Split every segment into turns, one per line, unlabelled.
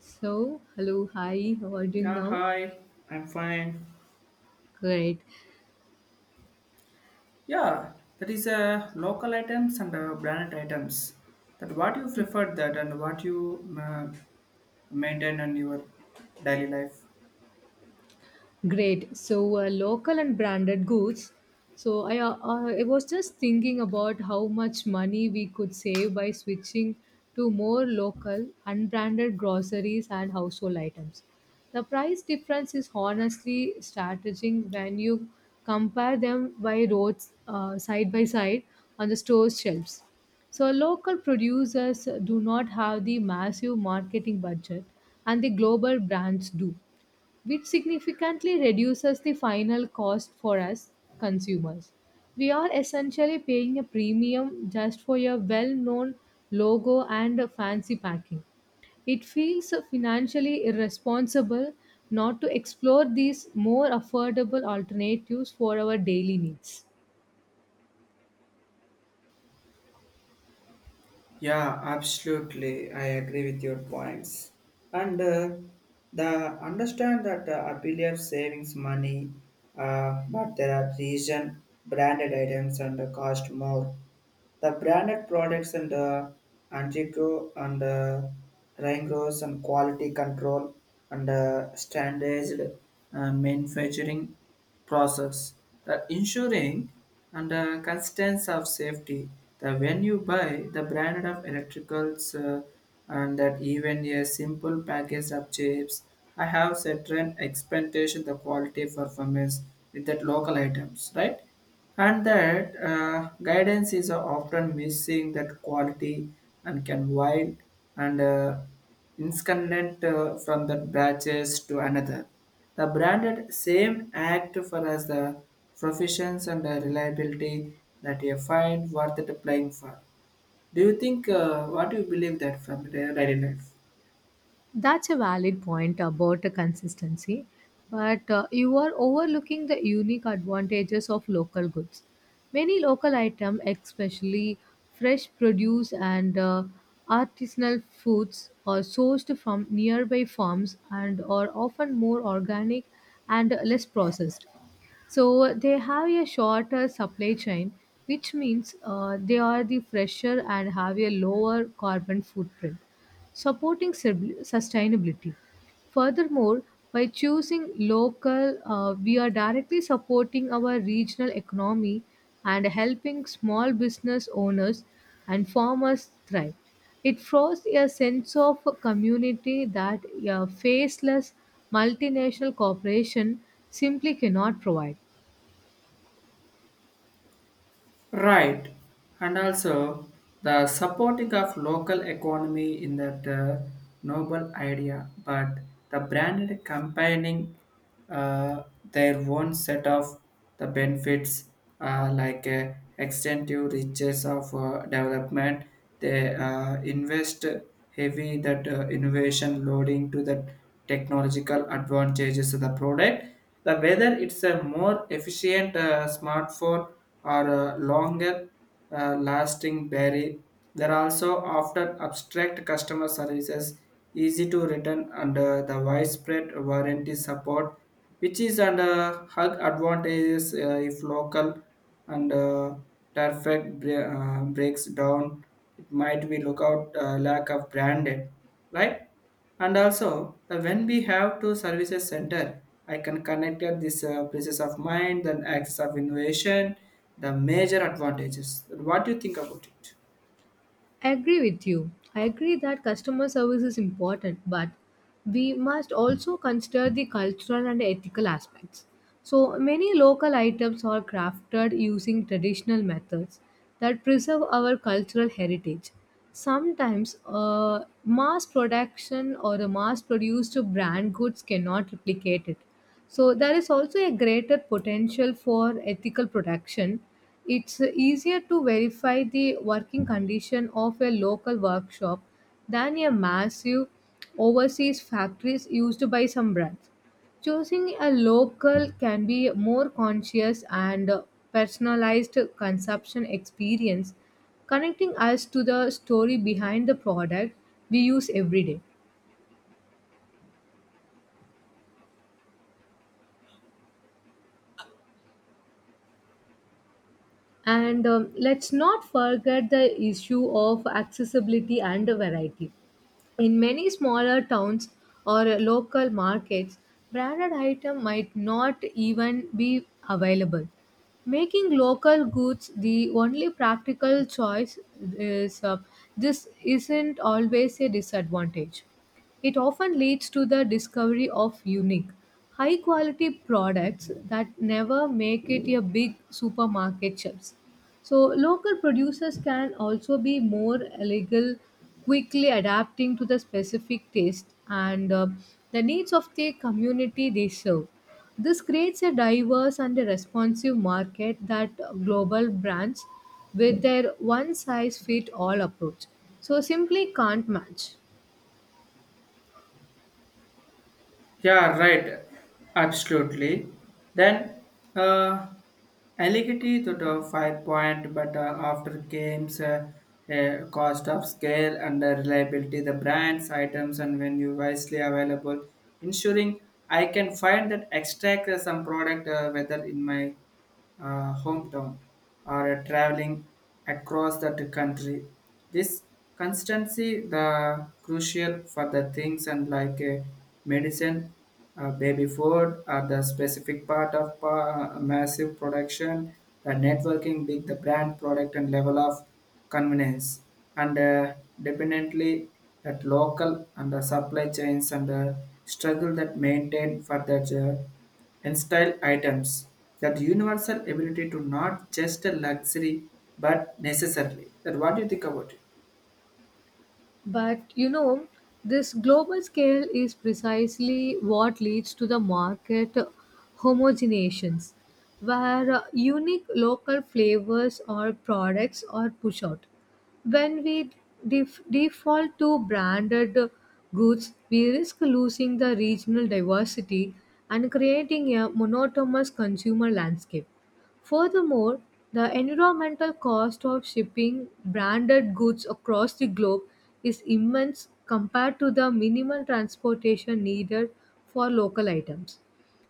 So, hello, hi, how are you doing
Yeah,
now?
hi. I'm fine.
Great.
Yeah, that is local items and branded items. That what you prefer that and what you maintain in your daily life.
Great. So, local and branded goods. So, I I was just thinking about how much money we could save by switching to more local, unbranded groceries and household items. The price difference is honestly strategizing when you compare them by roads side by side on the store shelves. So, local producers do not have the massive marketing budget, and the global brands do, which significantly reduces the final cost for us consumers. We are essentially paying a premium just for a well known logo and a fancy packing. It feels financially irresponsible not to explore these more affordable alternatives for our daily needs.
Yeah, absolutely. I agree with your points. And the understand that I believe savings money, but there are reason branded items and cost more. The branded products and Angico and Rangos and quality control and standardized manufacturing process that ensuring and the constants of safety that when you buy the brand of electricals and that even a simple package of chips I have certain expectation the quality performance with that local items right and that guidance is often missing that quality and can wild and inscendent from the batches to another the branded same act for as the proficiency and the reliability that you find worth it playing for. Do you think what do you believe that from the daily life?
That's a valid point about the consistency, but you are overlooking the unique advantages of local goods. Many local items, especially fresh produce and artisanal foods, are sourced from nearby farms and are often more organic and less processed. So they have a shorter supply chain, which means they are the fresher and have a lower carbon footprint supporting sustainability. Furthermore, by choosing local, we are directly supporting our regional economy and helping small business owners and farmers thrive. It fosters a sense of community that a faceless multinational corporation simply cannot provide.
Right, and also the supporting of local economy in that noble idea, but the branded combining uh, their own set of the benefits like extensive riches of development. They invest heavy that innovation loading to the technological advantages of the product the whether it's a more efficient smartphone or a longer lasting battery, there are also often abstract customer services, easy to return under the widespread warranty support, which is under hug advantages if local and perfect breaks down. It might be lookout lack of branded, right? And also, the when we have to services center, I can connect at this places of mind, then access of innovation, the major advantages. What do you think about it?
I agree with you. I agree that customer service is important, but we must also consider the cultural and ethical aspects. So many local items are crafted using traditional methods that preserve our cultural heritage. Sometimes, mass production or the mass-produced brand goods cannot replicate it. So there is also a greater potential for ethical production. It's easier to verify the working condition of a local workshop than a massive overseas factories used by some brands. Choosing a local can be a more conscious and personalized consumption experience, connecting us to the story behind the product we use every day. And let's not forget the issue of accessibility and variety. In many smaller towns or local markets, branded items might not even be available. Making local goods the only practical choice is this isn't always a disadvantage. It often leads to the discovery of unique, high quality products that never make it a big supermarket shelves. So local producers can also be more legal, quickly adapting to the specific taste and the needs of the community they serve. This creates a diverse and a responsive market that global brands with their one size fit all approach so simply can't match.
Yeah, right. Absolutely. Then, uh, Allegedly to the five point, but after games, cost of scale and the reliability, the brands, items, and when you wisely available, ensuring I can find that extract some product whether in my hometown or traveling across that country. This constancy the crucial for the things and like medicine, baby food are the specific part of massive production, the networking, big the brand product and level of convenience and dependently that local and the supply chains and the struggle that maintain for that and style items that universal ability to not just a luxury but necessarily that what do you think about it.
But you know, this global scale is precisely what leads to the market homogenations, where unique local flavors or products are pushed out. When we default to branded goods, we risk losing the regional diversity and creating a monotonous consumer landscape. Furthermore, the environmental cost of shipping branded goods across the globe is immense compared to the minimal transportation needed for local items.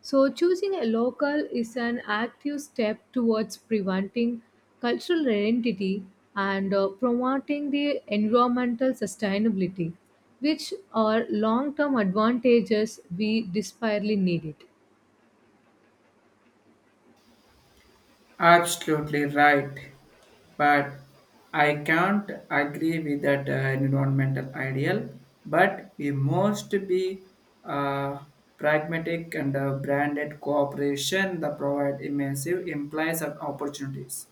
So, choosing a local is an active step towards preventing cultural identity and promoting the environmental sustainability, which are long term advantages we desperately need it.
Absolutely right. But I can't agree with that environmental ideal, but we must be uh, pragmatic and branded cooperation that provide immersive implies and opportunities.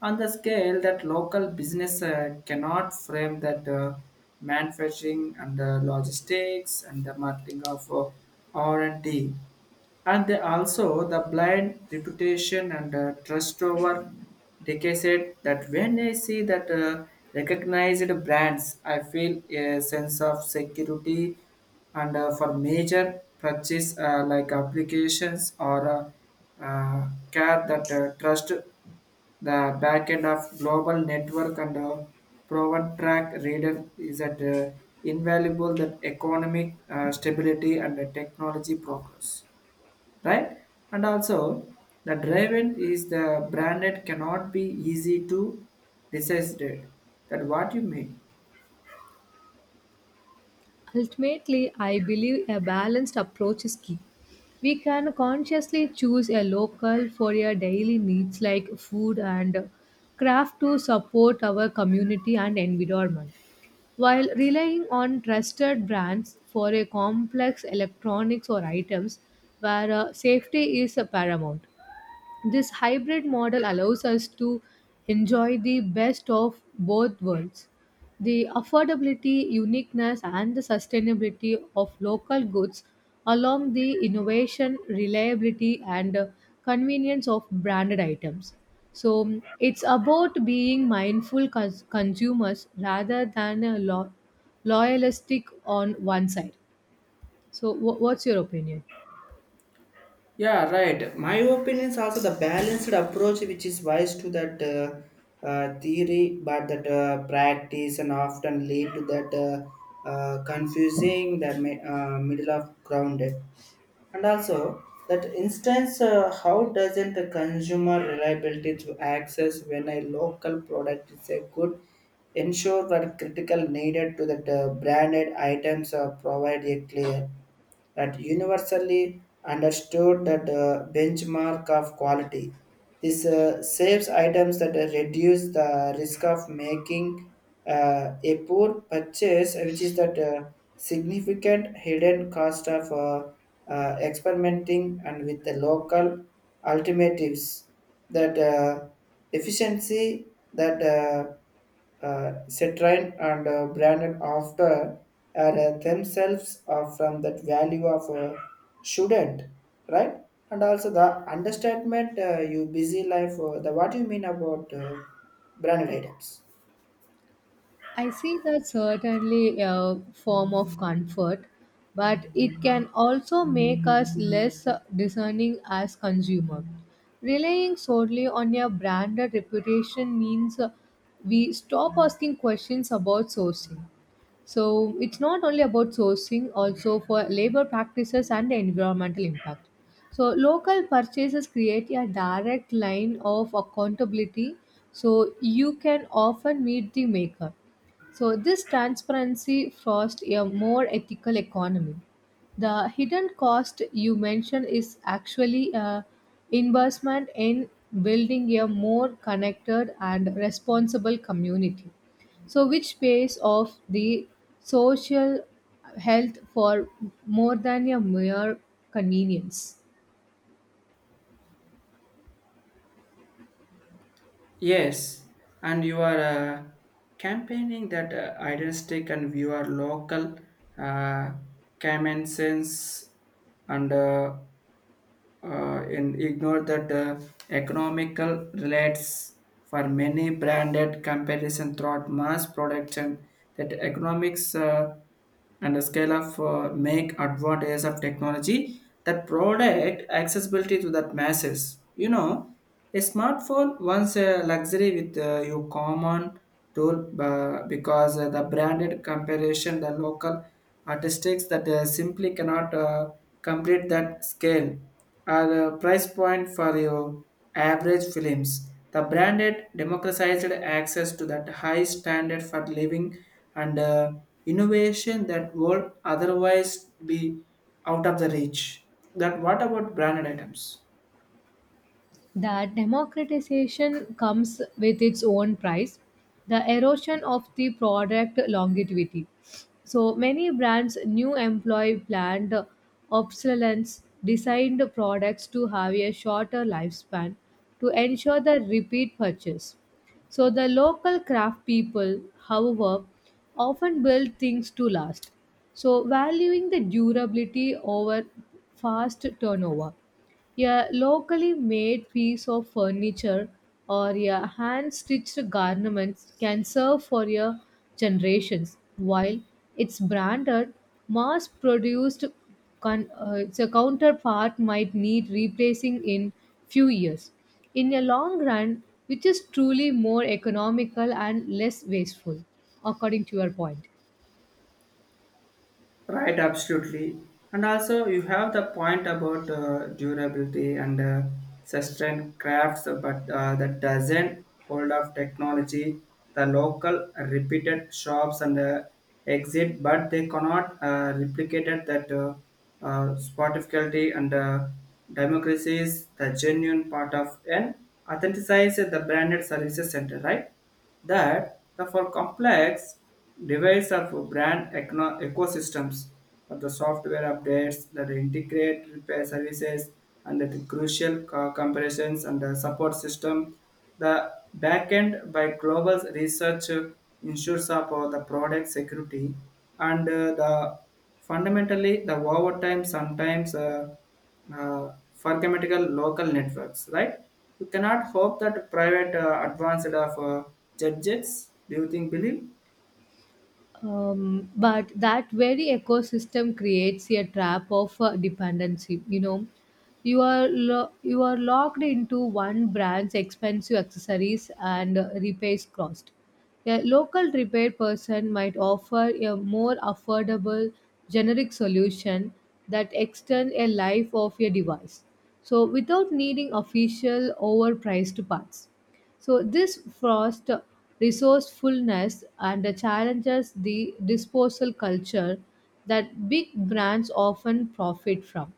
On the scale that local business cannot frame that manufacturing and logistics and the marketing of R&D and they also the blind reputation and trust over decades that when I see that recognized brands I feel a sense of security and for major purchase like applications or care that trust the back end of global network and proven track reader is that invaluable that economic stability and technology progress right? And also, the driven is the branded cannot be easy to decide that what you mean.
Ultimately, I believe a balanced approach is key. We can consciously choose a local for your daily needs like food and craft to support our community and environment, while relying on trusted brands for a complex electronics or items where safety is paramount. This hybrid model allows us to enjoy the best of both worlds, the affordability, uniqueness, and the sustainability of local goods, along the innovation, reliability, and convenience of branded items. So it's about being mindful consumers rather than a loyalistic on one side. So, what's your opinion?
Yeah, right. My opinion is also the balanced approach, which is wise to that theory, but that practice and often lead to that confusing the middle of grounded. And also that instance how doesn't the consumer reliability to access when a local product is a good ensure that critical needed to the branded items provide a clear that universally understood that benchmark of quality. This saves items that reduce the risk of making a poor purchase, which is that significant hidden cost of experimenting and with the local alternatives that efficiency that Citroen and branded after are themselves are from that value of a student, right? And also the understatement, you busy life, the what you mean about branded items.
I see that certainly a form of comfort, but it can also make us less discerning as consumers. Relying solely on your branded reputation means we stop asking questions about sourcing. So it's not only about sourcing, also for labor practices and the environmental impact. So local purchases create a direct line of accountability, so you can often meet the maker. So this transparency fosters a more ethical economy. The hidden cost you mentioned is actually a investment in building a more connected and responsible community so which pays off the social health for more than a mere convenience.
Yes, and you are campaigning that idealistic and you are local uh, common sense and uh, and ignore that economical relates for many branded comparison throughout mass production that economics and the scale of make advantages of technology that product accessibility to that masses a smartphone once a luxury with your common tool because the branded comparison the local artistics that simply cannot complete that scale are a price point for your average films. The branded democratized access to that high standard for living and innovation that would otherwise be out of the reach. That what about branded items?
That democratization comes with its own price, the erosion of the product longevity. So many brands new employ planned obsolescence designed products to have a shorter lifespan to ensure the repeat purchase. So the local craft people, however, often build things to last. So valuing the durability over fast turnover, yeah, locally made piece of furniture or yeah hand stitched garments can serve for your generations while its branded mass produced its a counterpart might need replacing in few years in a long run, which is truly more economical and less wasteful according to your point.
Right, absolutely. And also, you have the point about durability and sustained crafts, but that doesn't hold of technology. The local repeated shops and exit, but they cannot replicate it that spottificality and democracy is the genuine part of an authenticizes the branded services center, right? That the for complex device of brand ecosystems but the software updates that integrate repair services and the crucial comparisons and the support system the backend by global research ensures about the product security and the fundamentally, the overtime sometimes for grammatical local networks, right? You cannot hope that private advanced of judges, do you think, believe?
But that very ecosystem creates a trap of dependency, you know, you are you are locked into one brand's expensive accessories and repairs cost. A local repair person might offer a more affordable generic solution that extends a life of a device, so without needing official overpriced parts. So this frost resourcefulness and challenges the disposal culture that big brands often profit from.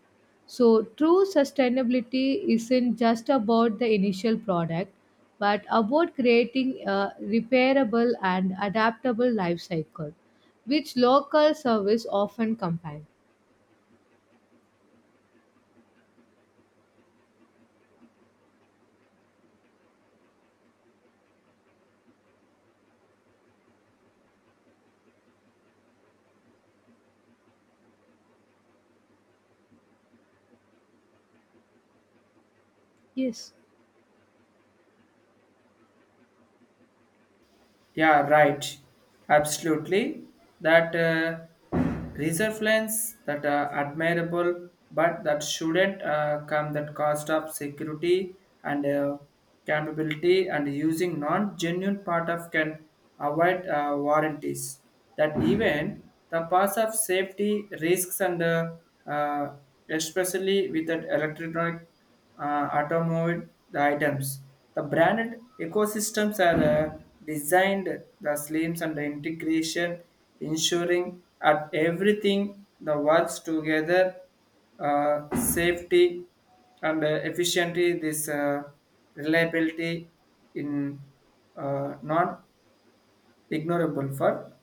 So true sustainability isn't just about the initial product, but about creating a repairable and adaptable life cycle, which local service often combine. Yes.
Yeah, right. Absolutely. That reserve lens that are admirable, but that shouldn't come that cost of security and capability and using non-genuine part of can avoid warranties. That even the pass of safety risks and uh, especially with that electronic automate the items. The branded ecosystems are uh, designed the slims and the integration, ensuring at everything the works together, safety and efficiently. This reliability in non ignorable for,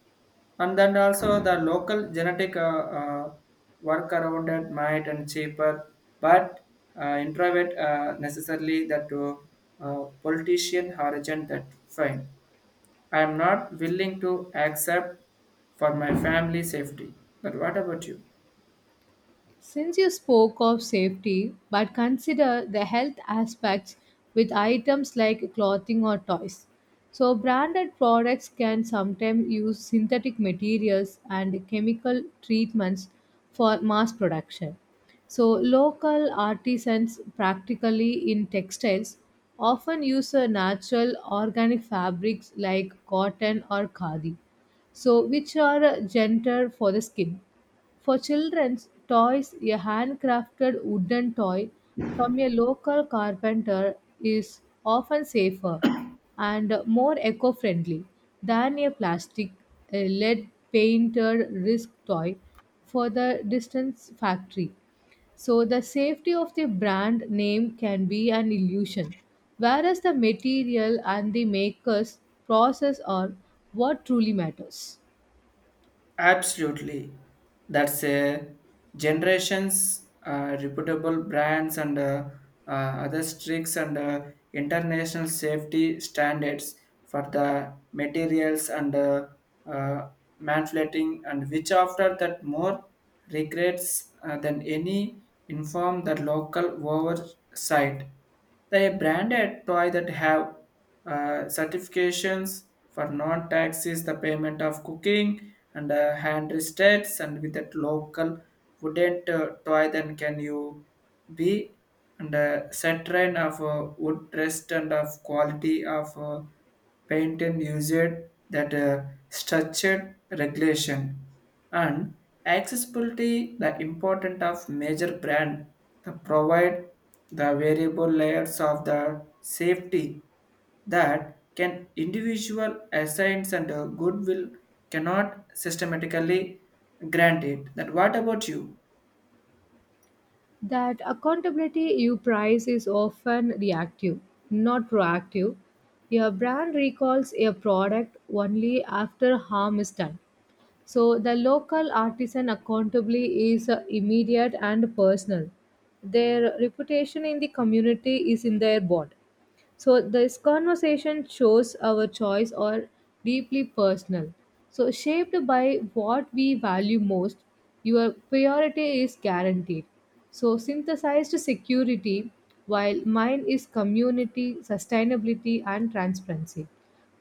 and then also the local genetic uh, work around it might and cheaper, but introvert necessarily that politician origin that fine. I am not willing to accept for my family safety. But what about you?
Since you spoke of safety, but consider the health aspects with items like clothing or toys. So, branded products can sometimes use synthetic materials and chemical treatments for mass production. So, local artisans, practically in textiles, often use a natural organic fabrics like cotton or khadi, so which are gentler for the skin. For children's toys, a handcrafted wooden toy from a local carpenter is often safer and more eco friendly than a plastic lead painted risk toy for the distance factory. So, the safety of the brand name can be an illusion, whereas the material and the maker's process are what truly matters.
Absolutely. That's a generations reputable brands and other strict and international safety standards for the materials and uh, manipulating and which after that more regrets than any inform the local oversight. The branded toy that have certifications for non-taxes, the payment of cooking and hand restaurants and with that local wouldn't toy then can you B and a saturn of wood rest and of quality of paint and usage that structured regulation and accessibility the important of major brand that provide the variable layers of the safety that can individual assigns and goodwill cannot systematically grant it that what about you.
That accountability you price is often reactive, not proactive. Your brand recalls a product only after harm is done. So the local artisan accountability is immediate and personal. Their reputation in the community is in their bond. So this conversation shows our choice are deeply personal. So shaped by what we value most, your priority is guaranteed. So synthesized security, while mine is community, sustainability, and transparency.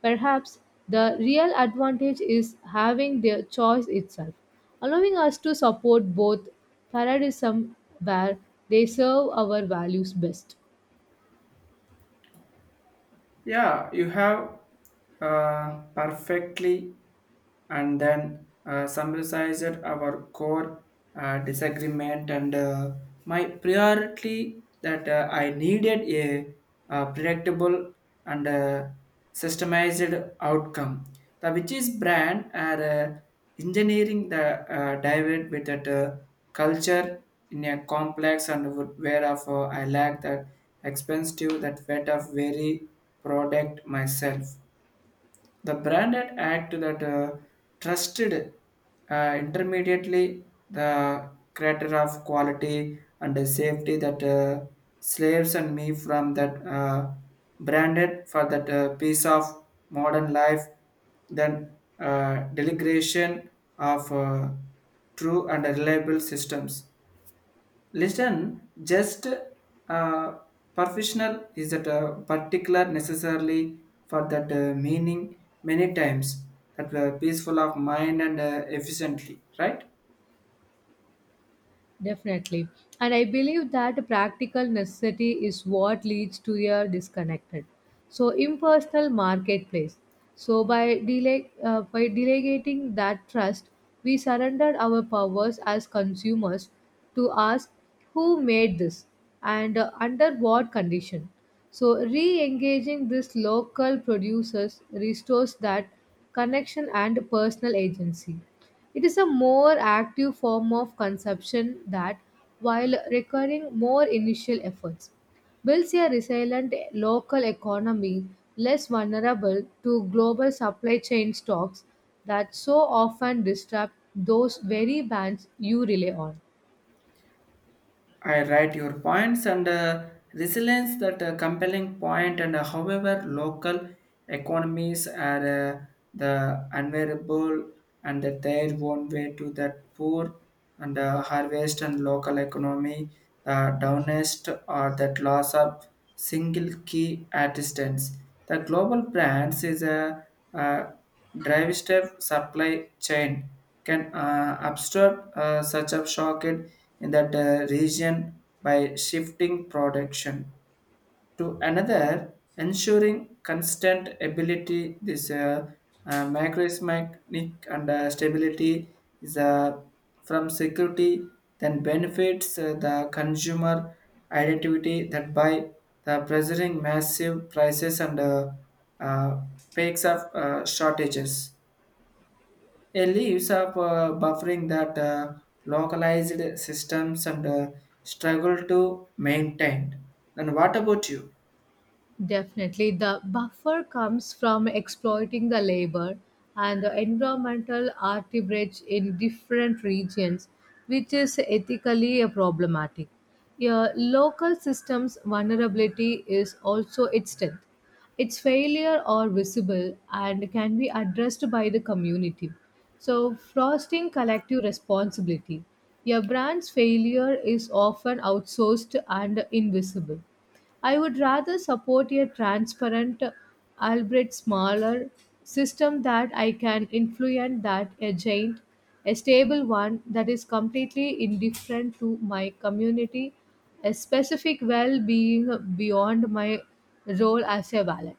Perhaps the real advantage is having the choice itself, allowing us to support both paradigms where they serve our values best.
Yeah, you have perfectly and then summarized our core disagreement and my priority that I needed a, predictable and systemized outcome. The which is brand are engineering the divide with that culture in a complex and whereof I lack that expensive that weight of very product myself the branded act that trusted intermediately the creator of quality and the safety that slaves and me from that branded for that piece of modern life then uh, delegation of true and reliable systems. Listen, just uh, professional is that particular necessarily for that meaning many times that were peaceful of mind and efficiently, right?
Definitely. And I believe that practical necessity is what leads to a disconnected. So impersonal marketplace. So by dele by delegating that trust, we surrendered our powers as consumers to ask who made this and under what condition. So re-engaging these local producers restores that connection, and personal agency. It is a more active form of consumption that, while requiring more initial efforts, builds a resilient local economy less vulnerable to global supply chain shocks that so often disrupt those very bands you rely on.
I write your points and resilience that compelling point and however local economies are the unwearable and that their own way to that poor and harvest and local economy the downest or that loss of single key assistance. The global brands is a drive step supply chain can absorb such a shock in that region by shifting production to another, ensuring constant ability. This macroeconomic and stability is from security, then benefits the consumer identity that by the pressuring massive prices and uh, peaks of shortages. It leaves of buffering that localized systems and struggle to maintain. And what about you?
Definitely, the buffer comes from exploiting the labor and the environmental arbitrage in different regions, which is ethically a problematic. Your local system's vulnerability is also its strength. Its failure are visible and can be addressed by the community. So, fostering collective responsibility. Your brand's failure is often outsourced and invisible. I would rather support a transparent, albeit smaller, system that I can influence than a giant, a stable one that is completely indifferent to my community, a specific well being beyond my role as a valet.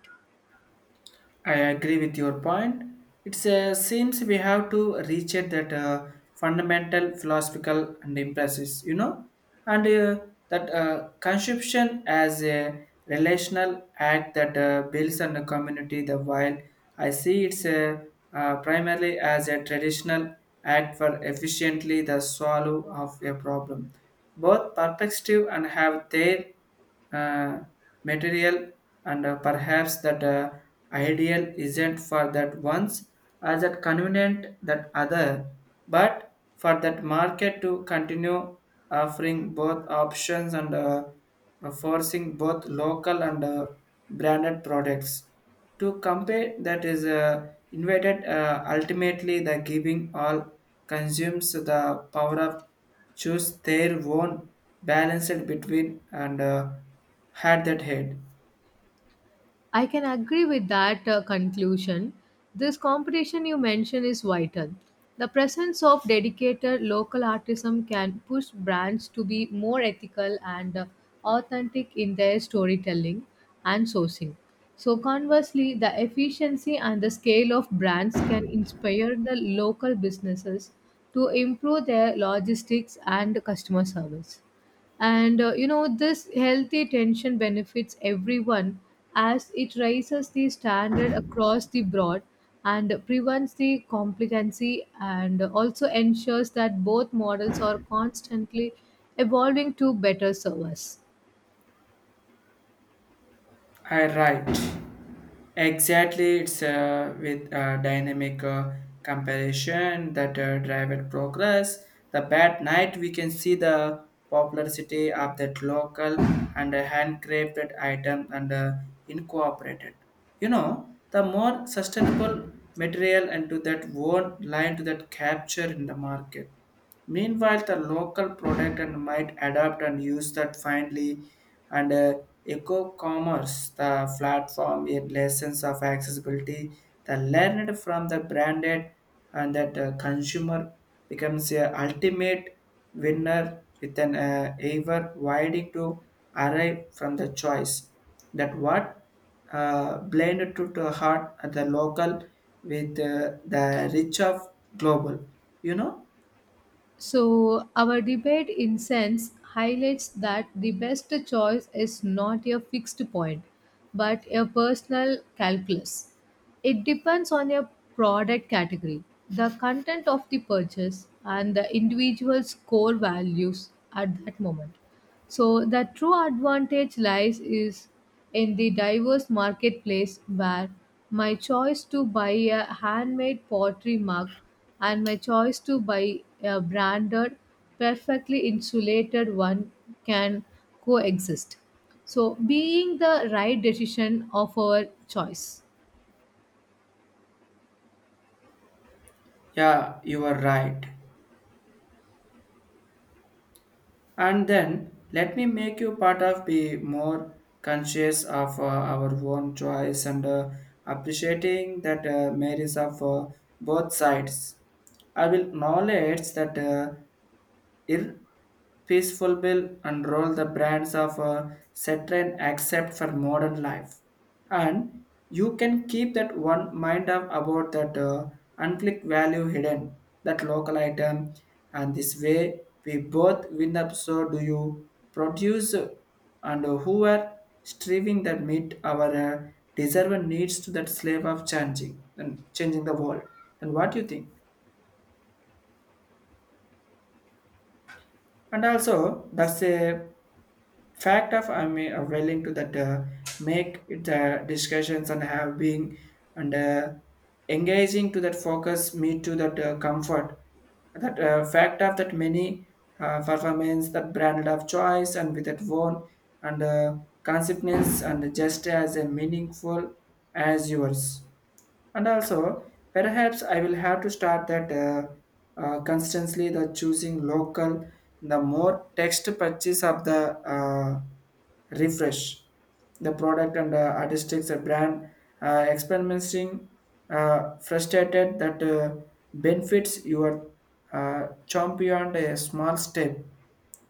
I agree with your point. It seems we have to reach at that fundamental philosophical and emphasis, and that consumption as a relational act that builds on the community. The while I see it's primarily as a traditional act for efficiently the solve of a problem both perspective and have their uh, material and perhaps that ideal isn't for that ones as that convenient that other but for that market to continue offering both options and forcing both local and branded products to compare that is invited ultimately the giving all consumes the power of choose their own balanced between and had that head.
I can agree with that conclusion. This competition you mentioned is vital. The presence of dedicated local artism can push brands to be more ethical and authentic in their storytelling and sourcing. So, conversely, the efficiency and the scale of brands can inspire the local businesses to improve their logistics and customer service, and you know this healthy tension benefits everyone as it raises the standard across the board, and prevents the complacency, and also ensures that both models are constantly evolving to better serve us.
I right. Exactly, it's with dynamic comparison that drive progress. The bad night, we can see the popularity of that local and handcrafted item and incorporated. You know, the more sustainable material and to that won't line to that capture in the market. Meanwhile, the local product and might adapt and use that finally and eco-commerce, the platform in lessons of accessibility, the learned from the branded and that consumer becomes a ultimate winner with an ever widening to arrive from the choice that what blended to the heart at the local with the reach of global, you know.
So, our debate, in sense, highlights that the best choice is not a fixed point, but a personal calculus. It depends on your product category, the content of the purchase, and the individual's core values at that moment. So the true advantage lies is in the diverse marketplace where my choice to buy a handmade pottery mug and my choice to buy a branded perfectly insulated one can coexist. So being the right decision of our choice.
Yeah, you are right. And then let me make you part of be more conscious of our own choice and appreciating that merits of both sides. I will acknowledge that. Ir peaceful will unroll the brands of a certain accept for modern life and you can keep that one mind up about that unclick value hidden that local item, and this way we both win up so do you produce and who are striving that meet our deserved needs to that slave of changing and changing the world. Then what do you think? And also that's a fact of I'm willing to that make it discussions and have been and engaging to that focus me to that comfort that fact of that many performance that branded of choice and with that one and consequence and just as a meaningful as yours. And also, perhaps I will have to start that constantly the choosing local, the more text purchase of the refresh, the product and artistics brand experimenting frustrated that benefits your champion a small step,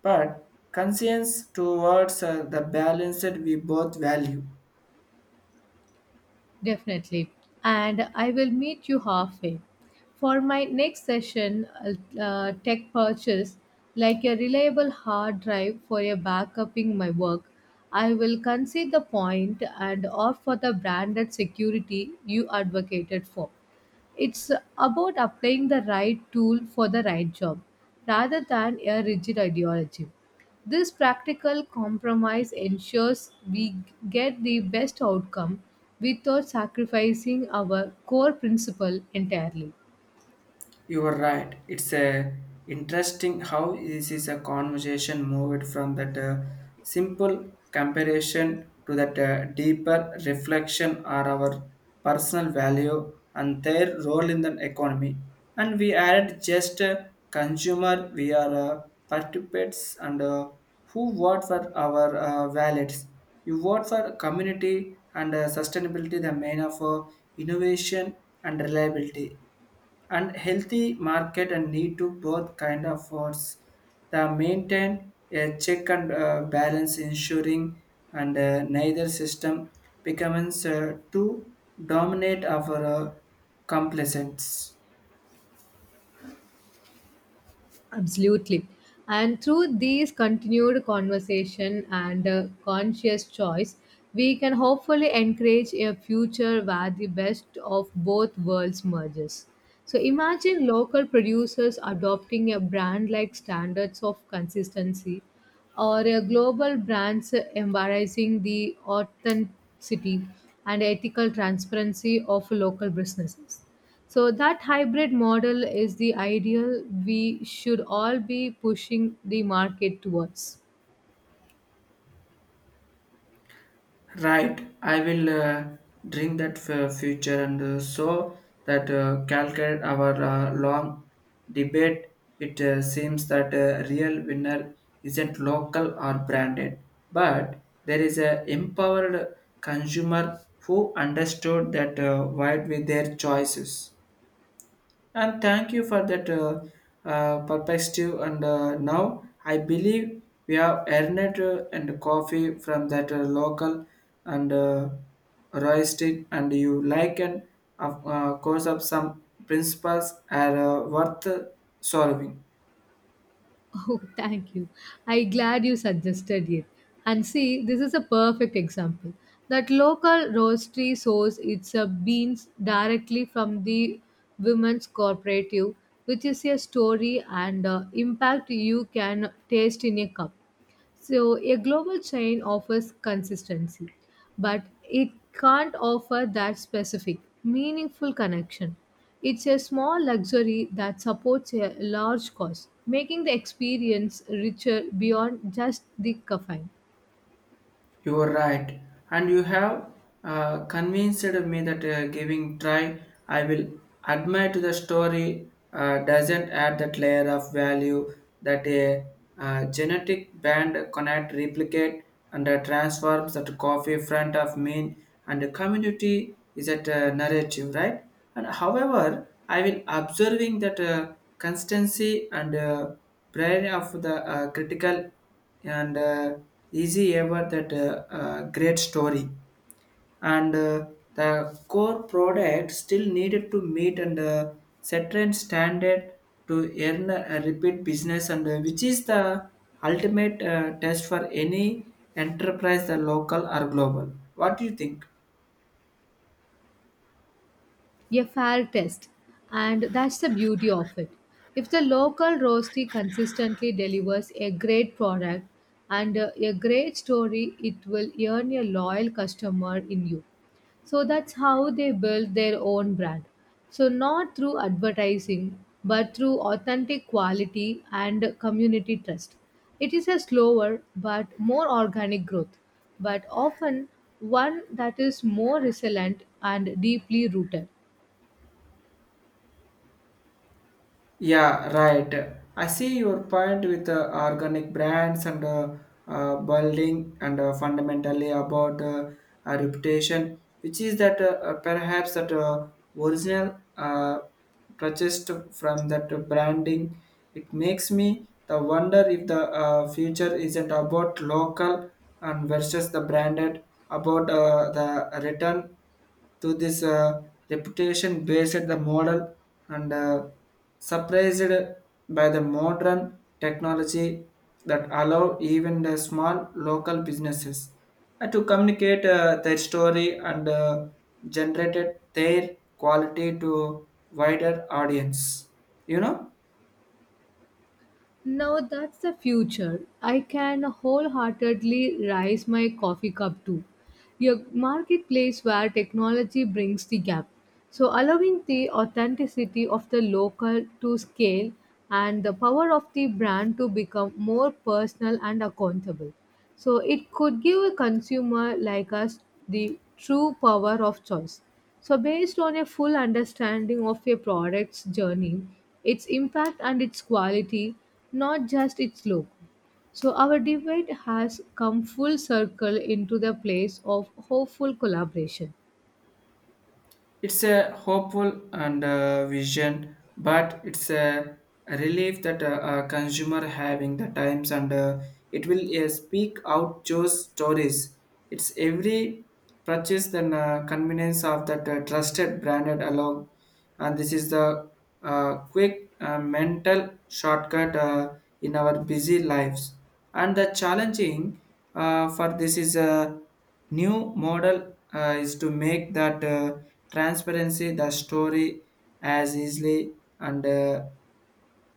but conscience towards the balanced we both value.
Definitely. And I will meet you halfway. For my next session, tech purchase, like a reliable hard drive for a backuping my work, I will concede the point and opt for the branded security you advocated for. It's about applying the right tool for the right job rather than a rigid ideology. This practical compromise ensures we get the best outcome without sacrificing our core principle entirely.
You are right. It's a interesting how this is a conversation moved from that simple comparison to that deeper reflection on our personal value and their role in the economy. And we aren't just a consumer; we are participants and who vote for our wallets. You vote for community and sustainability, the main of innovation and reliability and healthy market and need to both kind of force the maintain a check and balance ensuring and neither system becomes too dominate our complacence.
Absolutely. And through these continued conversation and conscious choice, we can hopefully encourage a future where the best of both worlds merges. So imagine local producers adopting a brand like standards of consistency or a global brands embracing the authenticity and ethical transparency of local businesses. So that hybrid model is the ideal we should all be pushing the market towards.
Right, I will drink that future and so that calculate our long debate. It seems that a real winner isn't local or branded, but there is a empowered consumer who understood that wide with their choices. And thank you for that perspective. And now I believe we have earned and coffee from that local and roasted, and you like and of course of some principles are worth solving.
Oh, thank you. I glad you suggested it. And see, this is a perfect example. That local roastery source its beans directly from the women's cooperative, which is a story and impact you can taste in a cup. So, a global chain offers consistency, but it can't offer that specific, meaningful connection. It's a small luxury that supports a large cause, making the experience richer beyond just the caffeine.
You are right, and you have convinced me that giving try. I will admit the story doesn't add that layer of value that a genetic band connect, replicate, and transforms that coffee front of mean and the community is that narrative, right? And however, I've been observing that constancy and brain of the critical and easy ever that great story and the core product still needed to meet and certain standard to earn a repeat business and which is the ultimate test for any enterprise the local or global. What do you think?
A fair test, and that's the beauty of it. If the local roastery consistently delivers a great product and a great story, it will earn a loyal customer in you. So that's how they build their own brand. So, not through advertising, but through authentic quality and community trust. It is a slower but more organic growth, but often one that is more resilient and deeply rooted.
Yeah, right. I see your point with the organic brands and building and fundamentally about a reputation, which is that perhaps that original purchased from that branding, it makes me the wonder if the future isn't about local and versus the branded about the return to this reputation based the model and surprised by the modern technology that allow even the small local businesses to communicate their story and generated their quality to wider audience, you know.
Now, that's the future. I can wholeheartedly rise my coffee cup too. A marketplace where technology brings the gap. So, allowing the authenticity of the local to scale and the power of the brand to become more personal and accountable. So, it could give a consumer like us the true power of choice. So, based on a full understanding of a product's journey, its impact, and its quality, not just its look. So our debate has come full circle into the place of hopeful collaboration.
It's a hopeful and vision, but it's a relief that a consumer having the times and it will speak out those stories. It's every purchase and convenience of that trusted branded along, and this is the quick mental shortcut in our busy lives. And the challenging for this is a new model is to make that. Transparency the story as easily and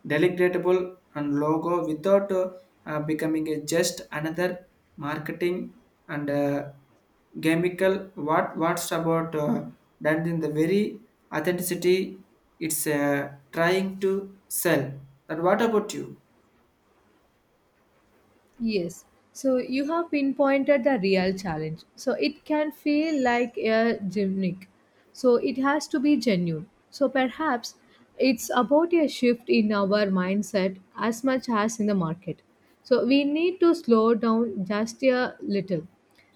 delectable and logo without becoming a just another marketing and gamical what's about done in the very authenticity it's trying to sell. And what about you?
Yes. So you have pinpointed the real challenge. So it can feel like a gimmick. So it has to be genuine. So perhaps it's about a shift in our mindset as much as in the market. So we need to slow down just a little.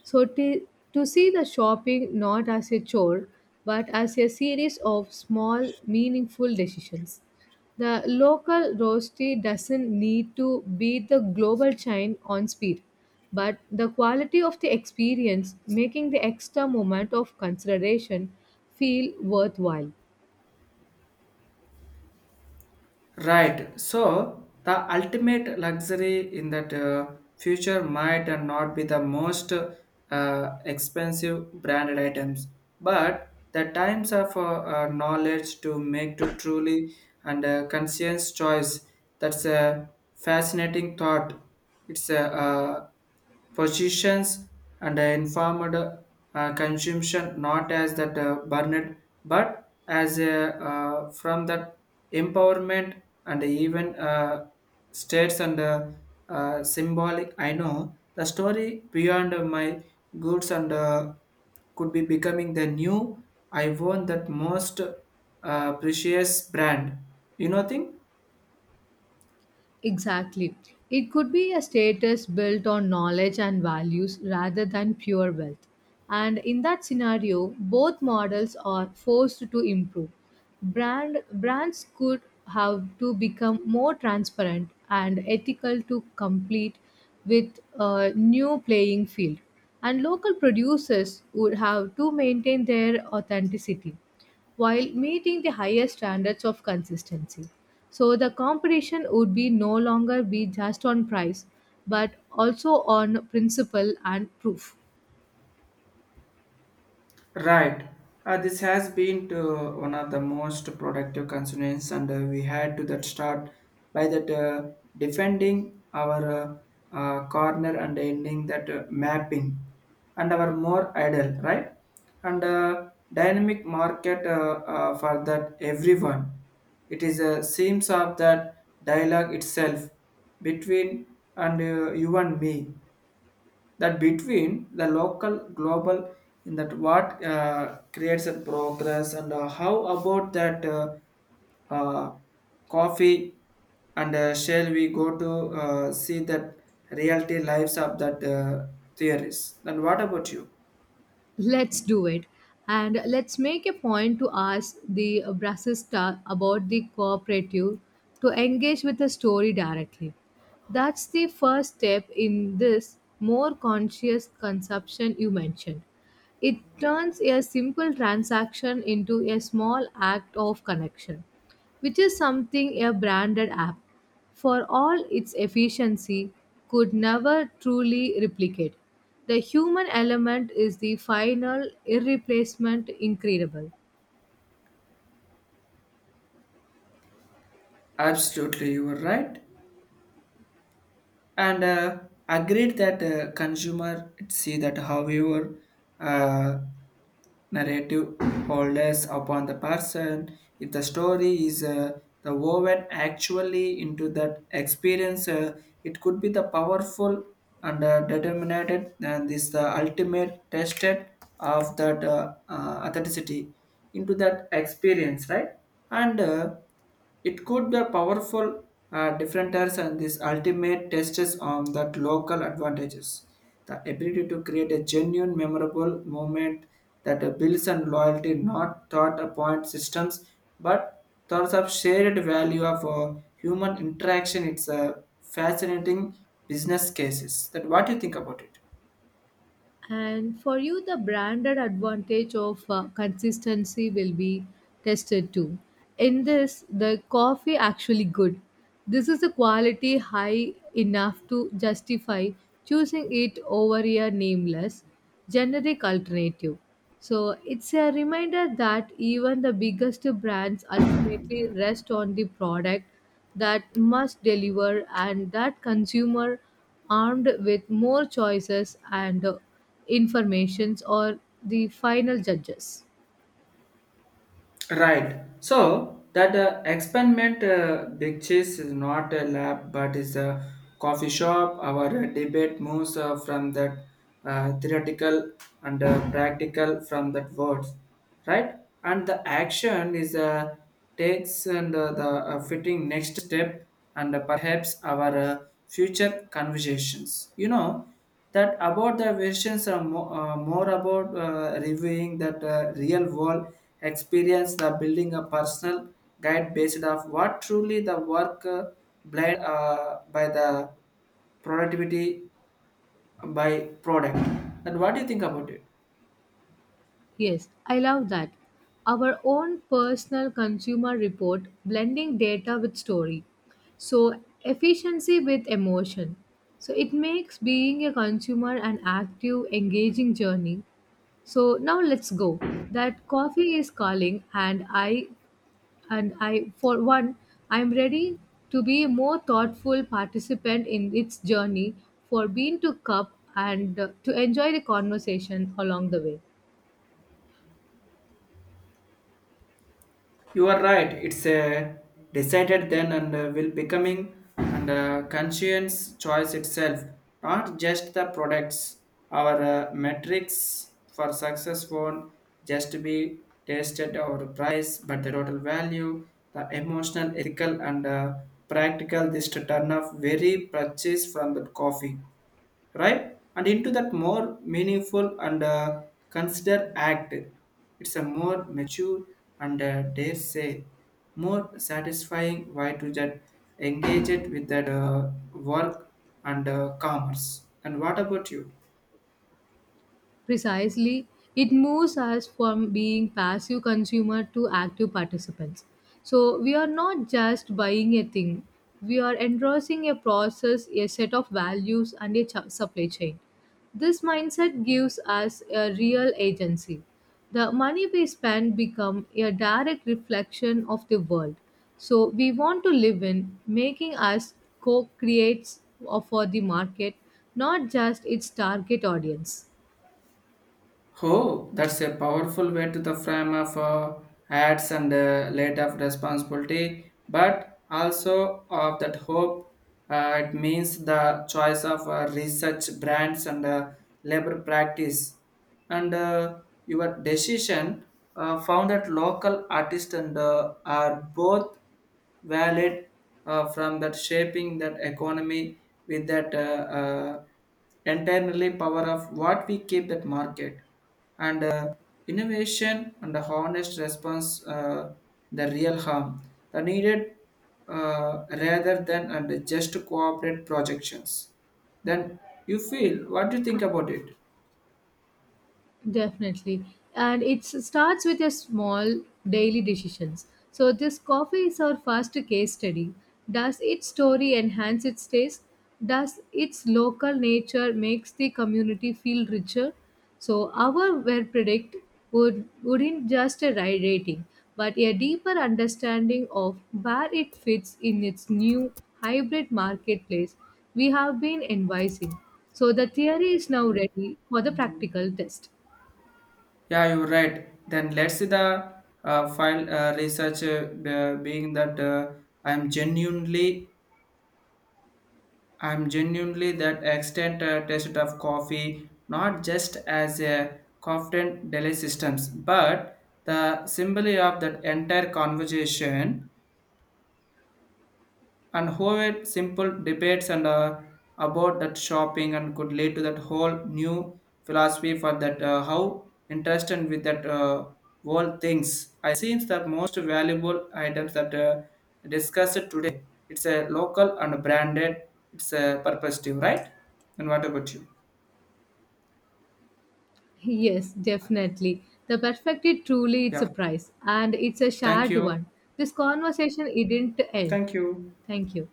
So to see the shopping not as a chore but as a series of small meaningful decisions. The local roastery doesn't need to beat the global chain on speed, but the quality of the experience, making the extra moment of consideration feel worthwhile.
Right. So the ultimate luxury in that future might and not be the most expensive branded items, but the times of knowledge to make to truly and conscious choice. That's a fascinating thought. It's a positions and informed consumption, not as that burned, but as a from that empowerment and even states and symbolic I know the story beyond my goods and could be becoming the new I want that most precious brand, you know thing.
Exactly. It could be a status built on knowledge and values rather than pure wealth. And in that scenario, both models are forced to improve. Brands could have to become more transparent and ethical to compete with a new playing field. And local producers would have to maintain their authenticity while meeting the highest standards of consistency. So the competition would be no longer be just on price, but also on principle and proof.
Right. This has been to one of the most productive concerns, and we had to that start by that defending our corner and ending that mapping and our more idle, right? And dynamic market for that everyone. It is a seems of that dialogue itself between and you and me that between the local global in that what creates a progress. And how about that uh, coffee and shall we go to see that reality lives of that theories? Then what about you?
Let's do it. And let's make a point to ask the Brassista about the cooperative to engage with the story directly. That's the first step in this more conscious consumption you mentioned. It turns a simple transaction into a small act of connection, which is something a branded app, for all its efficiency, could never truly replicate. The human element is the final, irreplaceable. Incredible.
Absolutely, you were right, and agreed that consumer see that however uh, narrative holders upon the person if the story is the woven actually into that experience, it could be the powerful and determined and this the ultimate tested of that authenticity into that experience, right? And it could be a powerful differentiators and these ultimate tests on that local advantages. The ability to create a genuine, memorable moment that builds on loyalty, not thought appoint systems, but thoughts of shared value of human interaction. It's a fascinating business cases. That what do you think about it?
And for you, the branded advantage of consistency will be tested too. In this, the coffee actually good. This is a quality high enough to justify choosing it over a nameless generic alternative. So it's a reminder that even the biggest brands ultimately rest on the product that must deliver and that consumer armed with more choices and informations or the final judges.
Right. So that experiment big cheese is not a lab but is a coffee shop. Our debate moves from that theoretical and practical from that words, right? And the action is takes and the fitting next step and perhaps our future conversations, you know, that about the versions are more about reviewing that real world experience the building a personal guide based off what truly the work blind by the productivity by product. And what do you think about it?
Yes, I love that. Our own personal consumer report, blending data with story, so efficiency with emotion. So it makes being a consumer an active engaging journey. So now let's go. That coffee is calling, and I, for one, I'm ready to be a more thoughtful participant in its journey for bean to cup and to enjoy the conversation along the way.
You are right. It's a decided then and will becoming and conscience choice itself, not just the products. Our metrics for success won't just be tested or price, but the total value, the emotional, ethical, and practical. This to turn off very purchase from the coffee, right, and into that more meaningful and consider act. It's a more mature and dare say more satisfying way to that engage it with that work and commerce. And what about you?
Precisely, it moves us from being passive consumer to active participants. So we are not just buying a thing, we are endorsing a process, a set of values, and supply chain. This mindset gives us a real agency. The money we spend become a direct reflection of the world. So we want to live in, making us co-creates for the market, not just its target audience.
Oh, that's a powerful way to the frame of ads and late of responsibility, but also of that hope. It means the choice of research brands and labor practice, and your decision found that local artists and are both valid from that shaping that economy with that uh, entirely power of what we keep that market and innovation and the honest response, the real harm the needed rather than and just cooperate projections. Then you feel what do you think about it?
Definitely. And it starts with a small daily decisions. So this coffee is our first case study. Does its story enhance its taste? Does its local nature makes the community feel richer? So our well predict wouldn't just a right rating, but a deeper understanding of where it fits in its new hybrid marketplace we have been advising. So the theory is now ready for the practical test.
Yeah, you're right. Then let's see the file research being that i am genuinely I'm genuinely that extent taste of coffee, not just as a confident delay systems, but the symbol of that entire conversation. And however simple debates and about that shopping and could lead to that whole new philosophy for that how interested with that world things. I seems that most valuable items that discussed today, it's a local and branded, it's a purposive, right? And what about you?
Yes, definitely. The perspective truly it's
Yeah,
a prize and it's a
thank
shared
you.
one. This conversation it didn't end.
Thank you.
Thank you.